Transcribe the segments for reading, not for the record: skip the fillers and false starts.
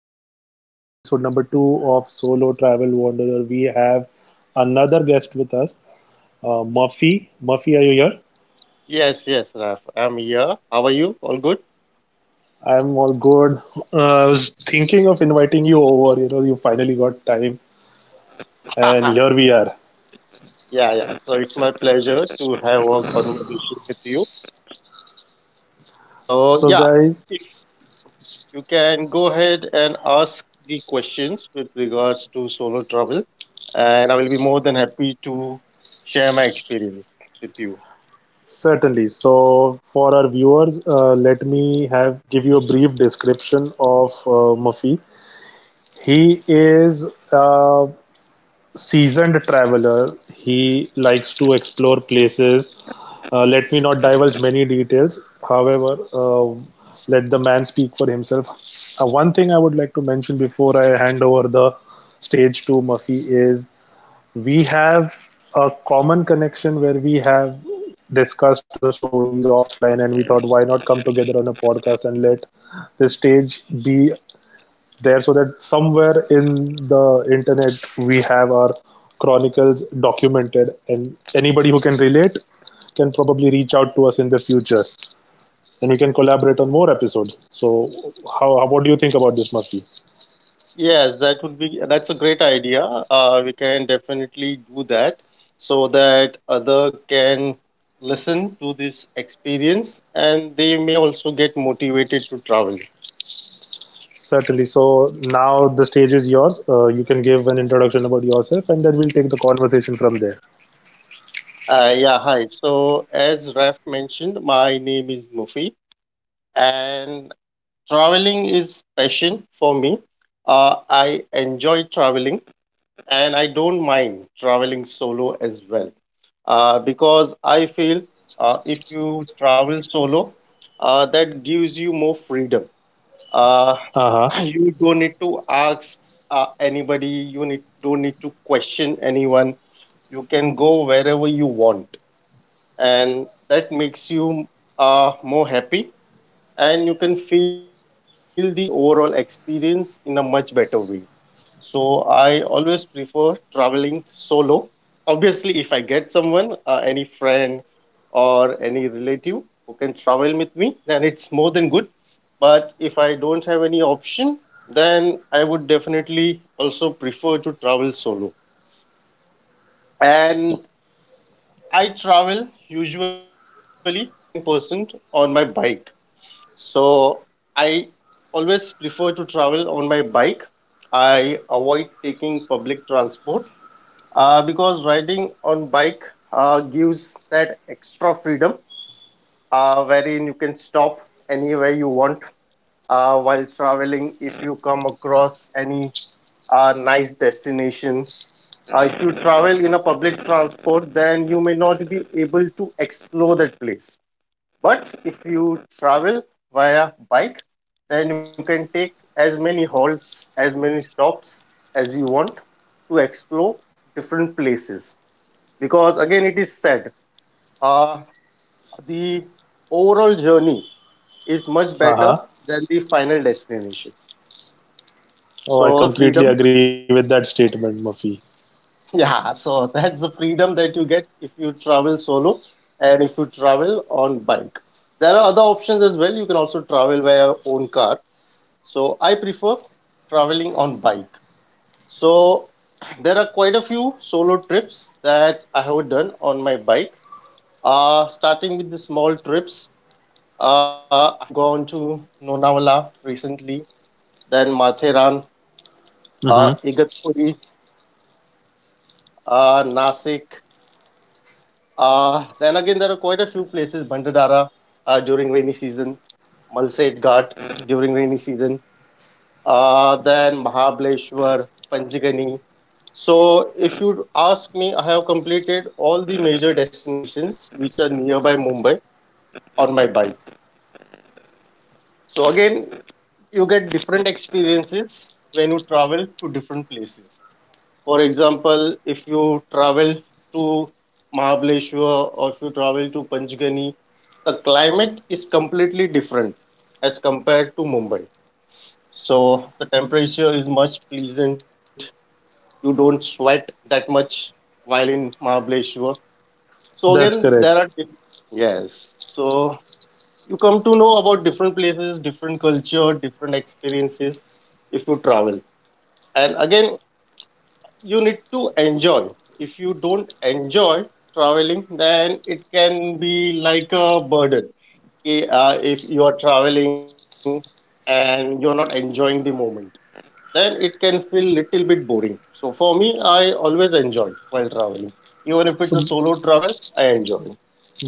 today on episode number two of Solo Travel Wanderer, we have another guest with us, Murphy. Murphy, are you here? Yes, yes, Raf, I'm here. How are you? All good? I'm all good. I was thinking of inviting you over. You know, you finally got time, and here we are. Yeah, yeah, so it's my pleasure to have a conversation with you. So, So, yeah, guys, if you can go ahead and ask the questions with regards to solo travel, and I will be more than happy to share my experience with you. certainly. So, for our viewers, let me have give you a brief description of Murphy. He is uh, seasoned traveler. He likes to explore places. Let me not divulge many details. However, let the man speak for himself. One thing I would like to mention before I hand over the stage to Murphy is we have a common connection where we have discussed our stories offline, and we thought why not come together on a podcast and let the stage be there, so that somewhere in the internet we have our chronicles documented and anybody who can relate can probably reach out to us in the future and we can collaborate on more episodes. So how what do you think about this, Murphy? Yes, that would be that's a great idea. We can definitely do that so that other can listen to this experience and they may also get motivated to travel. Certainly, so now the stage is yours. You can give an introduction about yourself, and then we'll take the conversation from there. Yeah, Hi. So as Raf mentioned, my name is Mufi and traveling is passion for me. I enjoy traveling, and I don't mind traveling solo as well, because I feel, if you travel solo, that gives you more freedom. Uh, Uh-huh. you don't need to ask, anybody. You need Don't need to question anyone. You can go wherever you want, and that makes you, more happy. And you can feel the overall experience in a much better way. So I always prefer traveling solo. Obviously, if I get someone, any friend or any relative who can travel with me, then it's more than good. But if I don't have any option, then I would definitely also prefer to travel solo. And I travel usually 99% on my bike. So I always prefer to travel on my bike. I avoid taking public transport, because riding on bike, gives that extra freedom, wherein you can stop anywhere you want, while traveling. If you come across any, nice destination, if you travel in a public transport, then you may not be able to explore that place. But if you travel via bike, then you can take as many halts, as many stops as you want to explore different places, because again it is said, uh, the overall journey is much Uh-huh. better than the final destination. So Oh, that's I the completely freedom. agree with that statement, Murphy. Yeah, so that's the freedom that you get if you travel solo and if you travel on bike. There are other options as well. You can also travel by your own car. So I prefer traveling on bike. So there are quite a few solo trips that I have done on my bike, starting with the small trips. I have gone to Lonavala recently, then Matheran, Mm-hmm. Igatpuri, Nasik. Then again, there are quite a few places, Bandadara during rainy season, Malset Ghat during rainy season, then Mahabaleshwar, Panjgani. So, if you ask me, I have completed all the major destinations which are nearby Mumbai on my bike. So, again, you get different experiences when you travel to different places. For example, if you travel to Mahabaleshwar, or if you travel to Panchgani, the climate is completely different as compared to Mumbai. So the temperature is much pleasant. You don't sweat that much while in Mahabaleshwar. So That's again, correct. Yes. So you come to know about different places, different culture, different experiences if you travel. And again, you need to enjoy. If you don't enjoy traveling, then it can be like a burden. If you are traveling and you're not enjoying the moment, then it can feel little bit boring. So for me, I always enjoy while traveling, even if So it's a solo travel, I enjoy.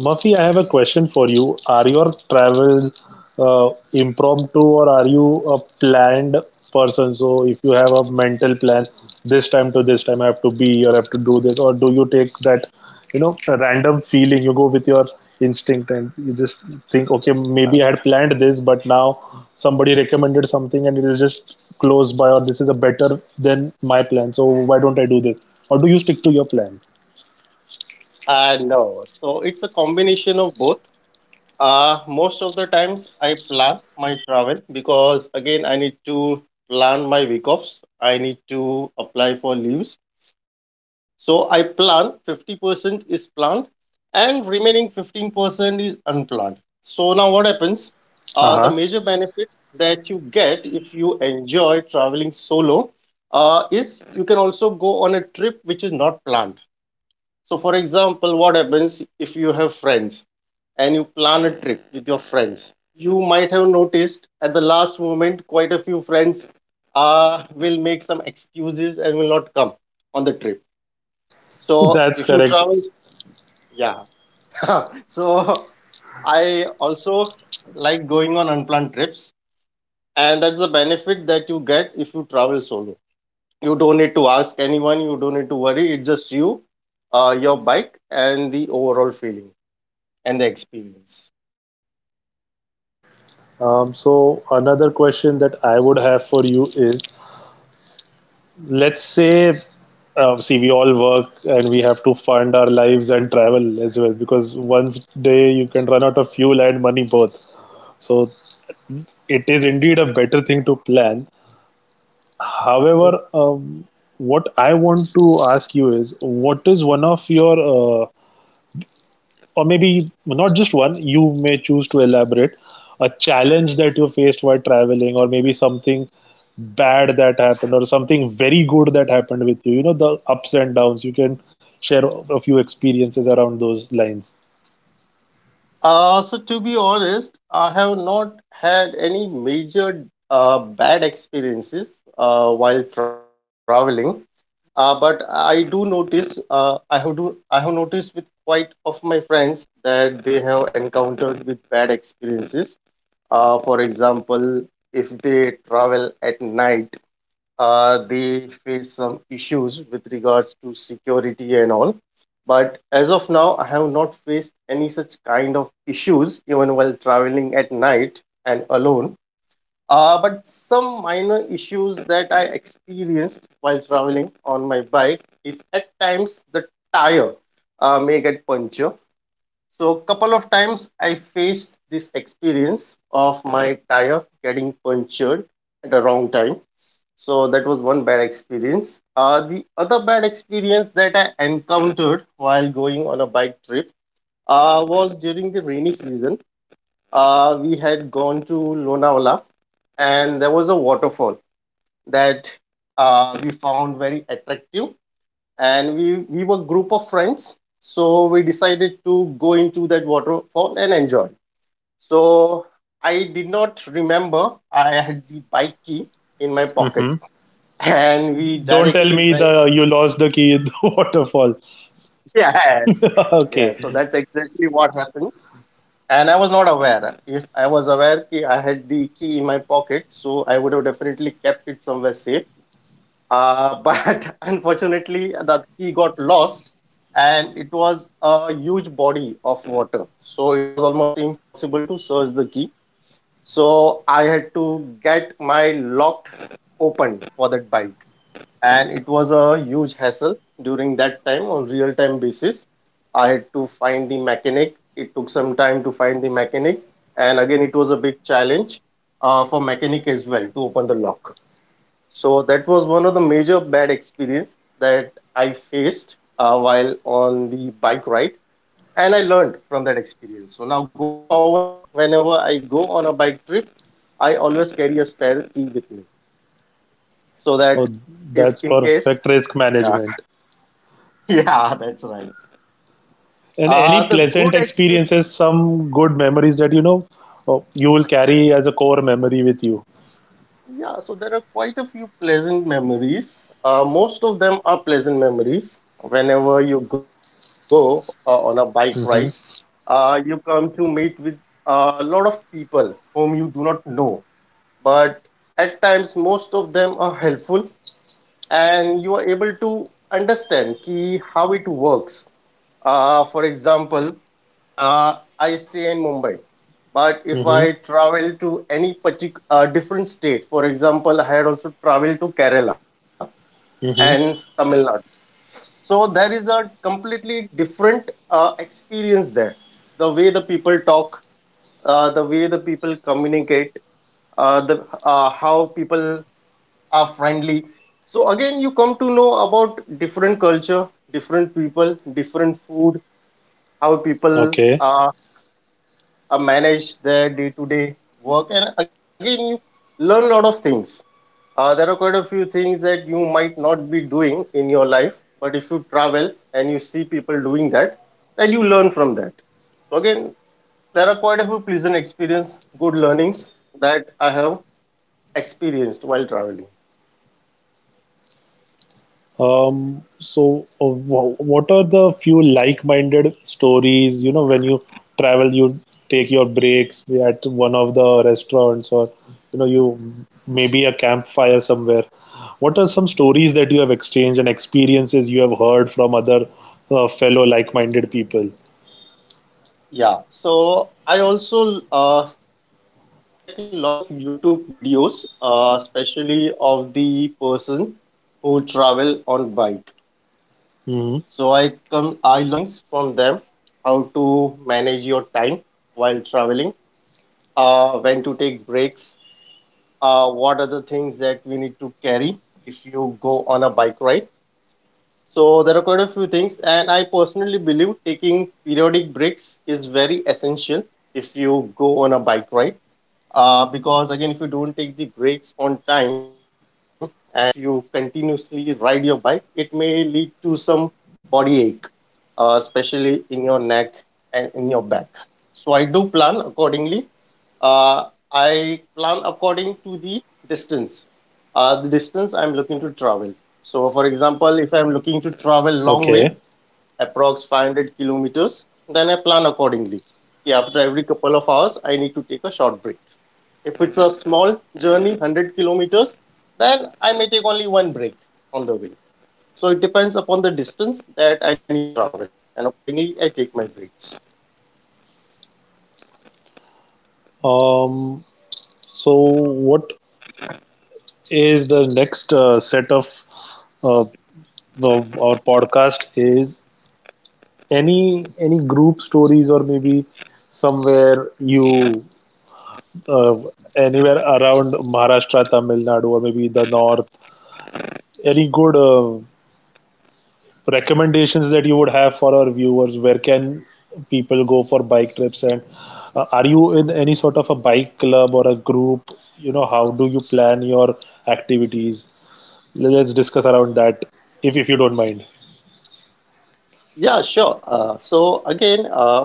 Murphy, I have a question for you. Are your travels impromptu, or are you a planned person? So, if you have a mental plan, this time to this time I have to be or I have to do this, or do you take that, you know, a random feeling? You go with your instinct and you just think, okay, maybe I had planned this, but now somebody recommended something and it is just close by, or this is a better than my plan. So, why don't I do this? Or do you stick to your plan? And uh, so it's a combination of both. Most of the times I plan my travel, because again I need to plan my week offs. I need to apply for leaves. So I plan, 50% is planned and remaining 15% is unplanned. So now what happens? The Uh huh. major benefit that you get if you enjoy traveling solo, is you can also go on a trip which is not planned. So, for example, what happens if you have friends and you plan a trip with your friends? You might have noticed at the last moment, quite a few friends, will make some excuses and will not come on the trip. So, That's if you correct. travel, yeah. So, I also like going on unplanned trips, and that's the benefit that you get if you travel solo. You don't need to ask anyone, you don't need to worry, it's just you, your bike, and the overall feeling and the experience. So another question that I would have for you is, let's say, see, we all work and we have to fund our lives and travel as well, because one day you can run out of fuel and money both. So it is indeed a better thing to plan. However, what I want to ask you is, what is one of your or maybe not just one, you may choose to elaborate, a challenge that you faced while traveling, or maybe something bad that happened, or something very good that happened with you. You know, the ups and downs, you can share a few experiences around those lines. So to be honest, I have not had any major, bad experiences while traveling. But I do notice, I have noticed with quite of my friends that they have encountered with bad experiences. For example, if they travel at night, they face some issues with regards to security and all. But as of now, I have not faced any such kind of issues even while traveling at night and alone. But some minor issues that I experienced while traveling on my bike is at times the tire, may get puncture. So couple of times I faced this experience of my tire getting punctured at the wrong time. So that was one bad experience. The other bad experience that I encountered while going on a bike trip, was during the rainy season. We had gone to Lonavala and there was a waterfall that, we found very attractive. And we were group of friends. So we decided to go into that waterfall and enjoy. So I did not remember I had the bike key in my Hmm. pocket, and we Don't tell me directly the went. you lost the key in the waterfall. Yes, yes. So that's Okay. exactly what happened. And I was not aware. If I was aware that I had the key in my pocket, so I would have definitely kept it somewhere safe. But unfortunately, the key got lost, and it was a huge body of water. So it was almost impossible to search the key. So I had to get my lock open for that bike, and it was a huge hassle. During that time on real time basis, I had to find the mechanic. It took some time to find the mechanic, and again it was a big challenge, for mechanic as well to open the lock. So that was one of the major bad experience that I faced, while on the bike ride. And I learned from that experience, so now going forward, whenever I go on a bike trip, I always carry a spare key with me, so Oh, that if that's in case. perfect risk Yeah. management. Yeah, that's right. And any The pleasant good experience. experiences, some good memories that oh, you will carry as a core memory with you? Yeah, so there are quite a few pleasant memories. Most of them are pleasant memories. Whenever you go on a bike ride, you come to meet with a lot of people whom you do not know. But at times, most of them are helpful, and you are able to understand ki how it works. For example, I stay in Mumbai, but if Mm-hmm. I travel to any particular different state, for example, I had also traveled to Kerala and Tamil Mm-hmm. Nadu. So there is a completely different experience there. The way the people talk, the way the people communicate, the how people are friendly. So again, you come to know about different culture, different people, different food, how people Okay. Manage their day to day work. And again, you learn a lot of things. There are quite a few things that you might not be doing in your life, but if you travel and you see people doing that, then you learn from that. So again, there are quite a few pleasant experience, good learnings that I have experienced while traveling. So what are the few like-minded stories, you know, when you travel, you take your breaks at one of the restaurants, or, you know, you maybe a campfire somewhere. What are some stories that you have exchanged and experiences you have heard from other fellow like-minded people? Yeah. So I also check a lot of YouTube videos, especially of the person who travel on bike. So Mm-hmm. I learn a lot of things from them, how to manage your time while traveling, when to take breaks, what are the things that we need to carry if you go on a bike ride. So there are quite a few things, and I personally believe taking periodic breaks is very essential if you go on a bike ride, because again if you don't take the breaks on time and if you continuously ride your bike, it may lead to some body ache, especially in your neck and in your back. So I do plan accordingly. uh, I plan according to the distance, the distance I'm looking to travel. So for example, if I'm looking to travel long way, Okay. approx 500 kilometers, then I plan accordingly. Okay, after every couple of hours I need to take a short break. If it's a small journey, 100 kilometers, then I may take only one break on the way. So it depends upon the distance that I need to travel, and accordingly, I take my breaks. Um, so what is the next set uh, of our podcast is any group stories, or maybe somewhere you uh, anywhere around Maharashtra, Tamil Nadu, or maybe the north. Any good recommendations that you would have for our viewers? Where can people go for bike trips? And are you in any sort of a bike club or a group? You know, how do you plan your activities? Let's discuss around that, if you don't mind. Yeah, sure. So again,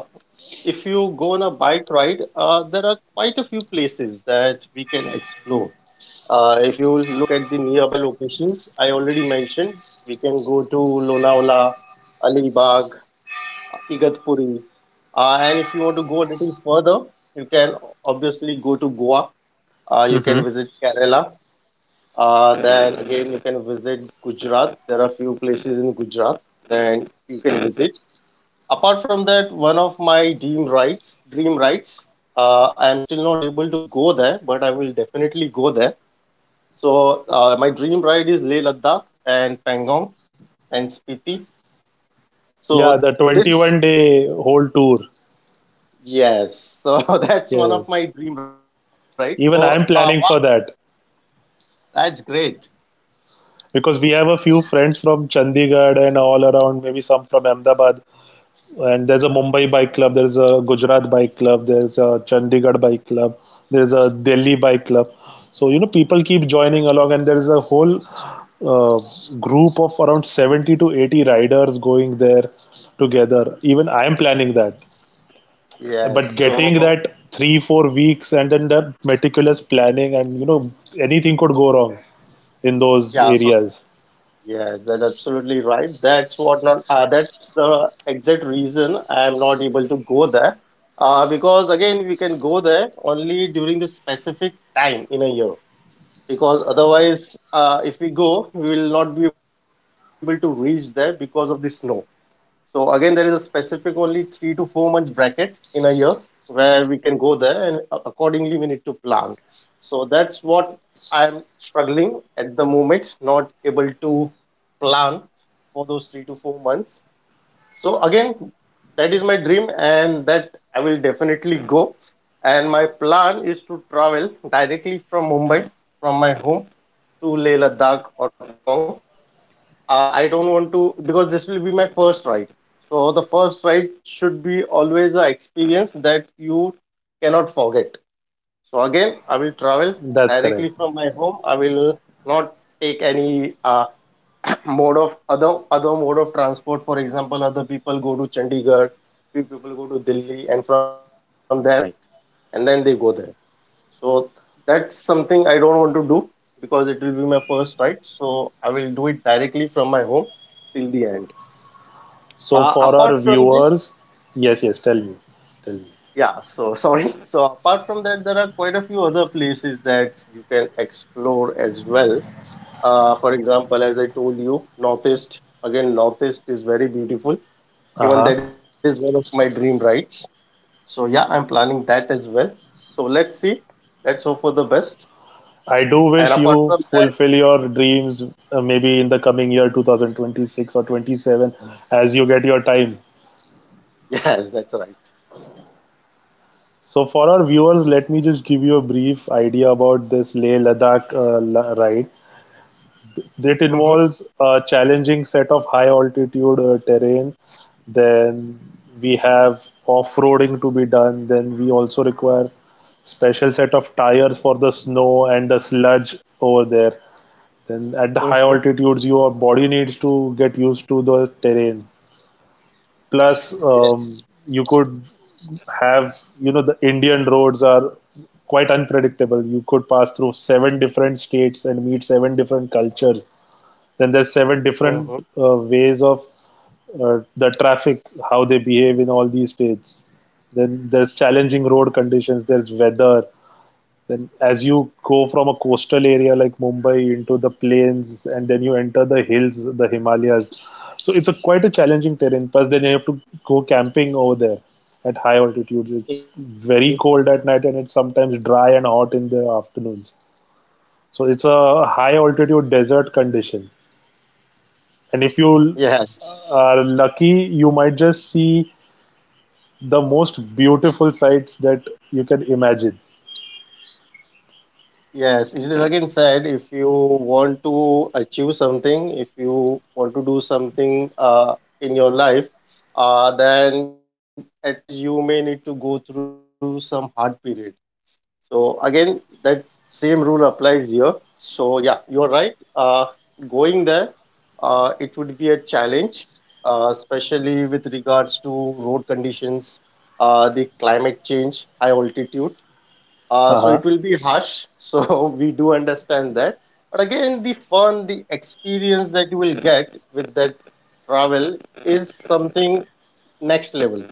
if you go on a bike ride, there are quite a few places that we can explore. If you look at the nearby locations, I already mentioned we can go to Lonavala, Alibag, Igatpuri. And if you want to go a little further, you can obviously go to Goa. You can Hmm. visit Kerala. Then again, you can visit Gujarat. There are a few places in Gujarat that you can visit. Apart from that, one of my dream rides, I am still not able to go there, but I will definitely go there. So my dream ride is Leh Ladakh and Pangong and Spiti. Yeah, So the this 21-day whole tour. yes, so that's one of Yes, my dream rides. even So I'm planning wow, for that, that's great. because we have a few friends from Chandigarh and all around, maybe some from Ahmedabad, and there's a Mumbai bike club, there's a Gujarat bike club, there's a Chandigarh bike club, there's a Delhi bike club. So you know, people keep joining along, and there's a whole uh, group of around 70 to 80 riders going there together. Even I am planning that, Yes, but getting so that 3 4 weeks and then the meticulous planning, and you know, anything could go wrong in those yeah, so areas. yes, that's absolutely right. That's what not. That's the exact reason I'm not able to go there. Because again, we can go there only during the specific time in a year. Because otherwise, if we go, we will not be able to reach there because of the snow. So again, there is a specific only 3 to 4 months bracket in a year where we can go there, and accordingly we need to plan. So that's what I'm struggling at the moment, not able to plan for those 3 to 4 months. So again, that is my dream, and that I will definitely go. And my plan is to travel directly from Mumbai, from my home to Leh Ladakh or Pangong I don't want to because this will be my first ride. So the first ride should be always a experience that you cannot forget. So again, I will travel That's correct. directly from my home. I will not take any mode of other mode of transport. For example, other people go to Chandigarh, few people go to Delhi, and from there they rent the bike and then they go there. So that's something I don't want to do because it will be my first ride. So I will do it directly from my home till the end. So Uh, for apart our from this, viewers, yes, yes, tell me, tell me. yeah, so sorry. So apart from that, there are quite a few other places that you can explore as well. For example, as I told you, Northeast. Again, Northeast is very beautiful. Even Uh-huh. that is one of my dream rides. So yeah, I'm planning that as well. So let's see. Let's hope for the best. I do And apart wish from you that, fulfill your dreams, maybe in the coming year 2026 or 27, as you get your time. yes, that's right. So for our viewers, let me just give you a brief idea about this Leh Ladakh ride. It Mhm. involves a challenging set of high altitude terrain. Then we have off roading to be done. Then we also require special set of tires for the snow and the sludge over there. Then at the high Mm-hmm. altitudes, your body needs to get used to the terrain. Plus, Yes. You could have, you know, the Indian roads are quite unpredictable. You could pass through seven different states and meet seven different cultures. Then there's seven Mm-hmm. different ways of the traffic, how they behave in all these states. Then there's challenging road conditions. There's weather. Then as you go from a coastal area like Mumbai into the plains, and then you enter the hills, the Himalayas. So it's a quite a challenging terrain. Plus, then you have to go camping over there at high altitudes. It's very Mm-hmm. cold at night, and it's sometimes dry and hot in the afternoons. So it's a high altitude desert condition. And if you Yes. are lucky, you might just see the most beautiful sights that you can imagine. Yes. It is again said if you want to achieve something, if you want to do something in your life, then at times you may need to go through some hard period. So again, that same rule applies here. So yeah, you're right. Going there, it would be a challenge, especially with regards to road conditions, the climate change, high altitude. Uh, Uh so huh. it will be harsh. So we do understand that. But again, the fun, the experience that you will get with that travel is something next level.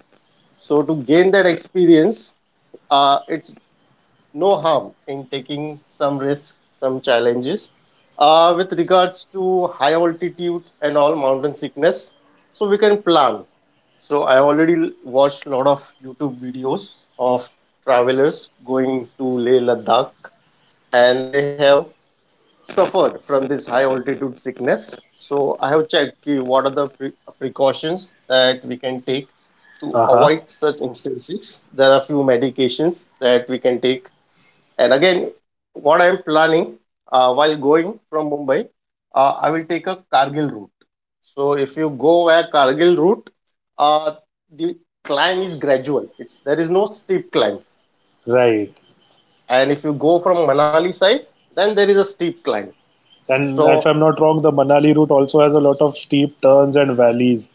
So to gain that experience, it's no harm in taking some risks, some challenges. With regards to high altitude and all mountain sickness, so we can plan. So I already watched a lot of YouTube videos of travelers going to Leh Ladakh, and they have suffered from this high altitude sickness. So I have checked ki what are the precautions that we can take to Uh huh. avoid such instances. There are few medications that we can take and again, what I am planning while going from Mumbai, I will take a Kargil route. So if you go via Kargil route, uh, the climb is gradual. It's there is no steep climb. Right. And if you go from Manali side, then there is a steep climb. And if So I'm not wrong, the Manali route also has a lot of steep turns and valleys.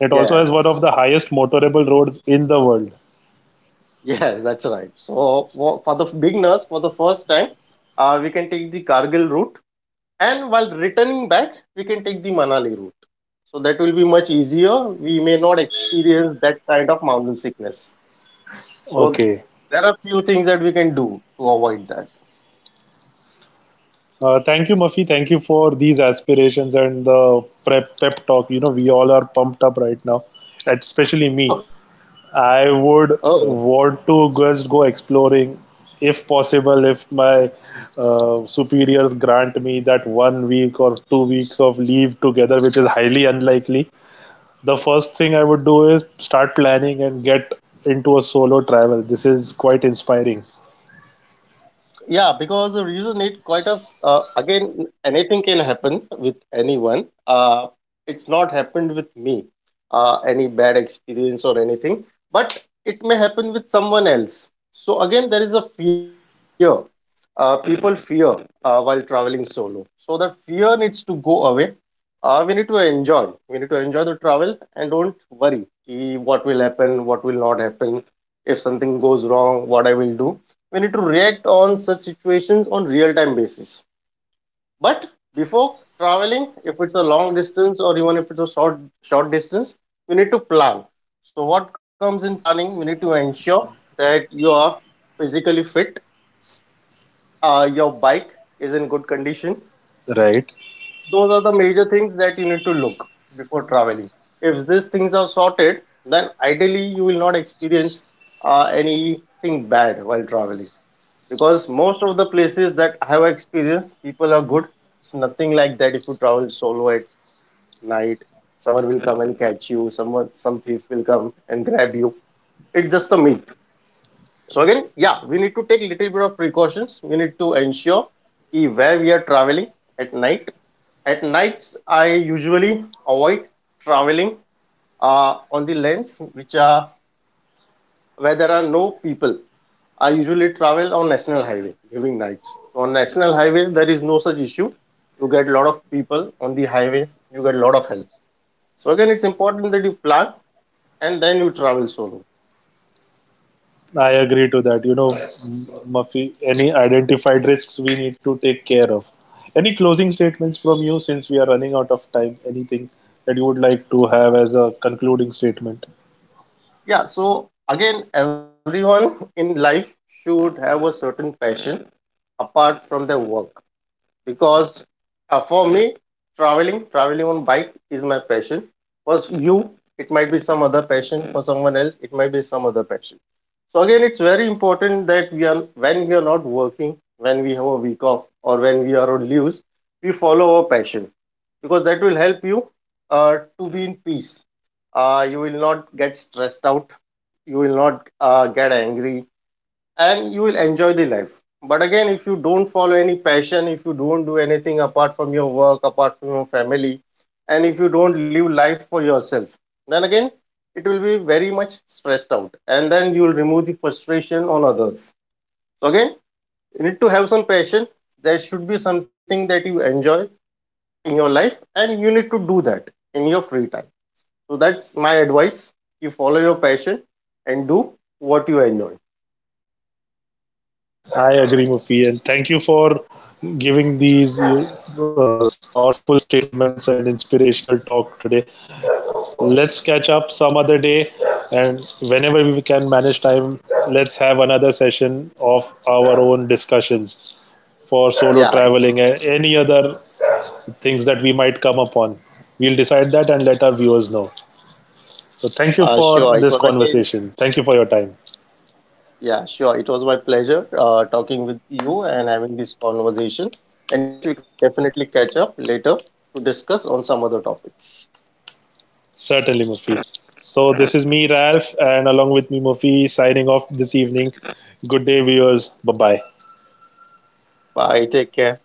It also has one of yes, the highest motorable roads in the world. yes, that's right. So for the beginners, for the first time, we can take the Kargil route and while returning back we can take the manali route so that will be much easier we may not experience that kind of mountain sickness so Okay. there are few things that we can do to avoid that Thank you, Muffy. Thank you for these aspirations and the prep pep talk. You know, we all are pumped up right now, especially me. Oh, I would oh want to just go exploring, if possible, if my superiors grant me that 1 week or 2 weeks of leave together, which is highly unlikely. The first thing I would do is start planning and get into a solo travel. This is quite inspiring. yeah because the reason it quite a again anything can happen with anyone it's not happened with me any bad experience or anything but it may happen with someone else so again there is a fear people fear while traveling solo so the fear needs to go away we need to enjoy. We need to enjoy the travel and don't worry ki what will happen, what will not happen, if something goes wrong, what I will do. We need to react on such situations on real time basis. But before traveling, if it's a long distance or even if it's a short distance, we need to plan. So what comes in planning? We need to ensure that you are physically fit. Your bike is in good condition those are the major things that you need to look before traveling if these things are sorted then ideally you will not experience anything bad while traveling because most of the places that I have experienced people are good it's nothing like that if you travel solo at night someone will come and catch you someone some thief will come and grab you it's just a myth so again yeah we need to take little bit of precautions we need to ensure ki where we are traveling at night at nights, I usually avoid traveling on the lanes which are where there are no people. I usually travel on national highway during nights. So on national highway, there is no such issue. You get a lot of people on the highway. You get a lot of help. So again, it's important that you plan and then you travel solo. I agree to that. Muffy, any identified risks we need to take care of. Any closing statements from you, since we are running out of time? Anything that you would like to have as a concluding statement? Yeah. So again, everyone in life should have a certain passion apart from their work because for me traveling on bike is my passion for you it might be some other passion for someone else it might be some other passion so again it's very important that we are when we are not working when we have a week off or when we are on leaves we follow our passion because that will help you to be in peace you will not get stressed out you will not get angry and you will enjoy the life. But again, if you don't follow any passion, if you don't do anything apart from your work, apart from your family, and if you don't live life for yourself, then again, it will be very much stressed out. And then you will remove the frustration on others. So, again, you need to have some passion. There should be something that you enjoy in your life, and you need to do that in your free time. So, that's my advice. You follow your passion and do what you enjoy. I agree, Muffy, and thank you for giving these powerful statements and inspirational talk today. Let's catch up some other day, and whenever we can manage time, let's have another session of our own discussions for solo Yeah, traveling and any other things that we might come upon. We'll decide that and let our viewers know. So uh, thank you sure. It for was this again conversation. Thank you for your time. Yeah, sure. It was my pleasure talking with you and having this conversation. And yes, we can definitely catch up later to discuss on some other topics. Certainly, Mufi. So this is me, Ralph, and along with me, Mufi, signing off this evening. Good day, viewers. Bye bye. Bye. Take care.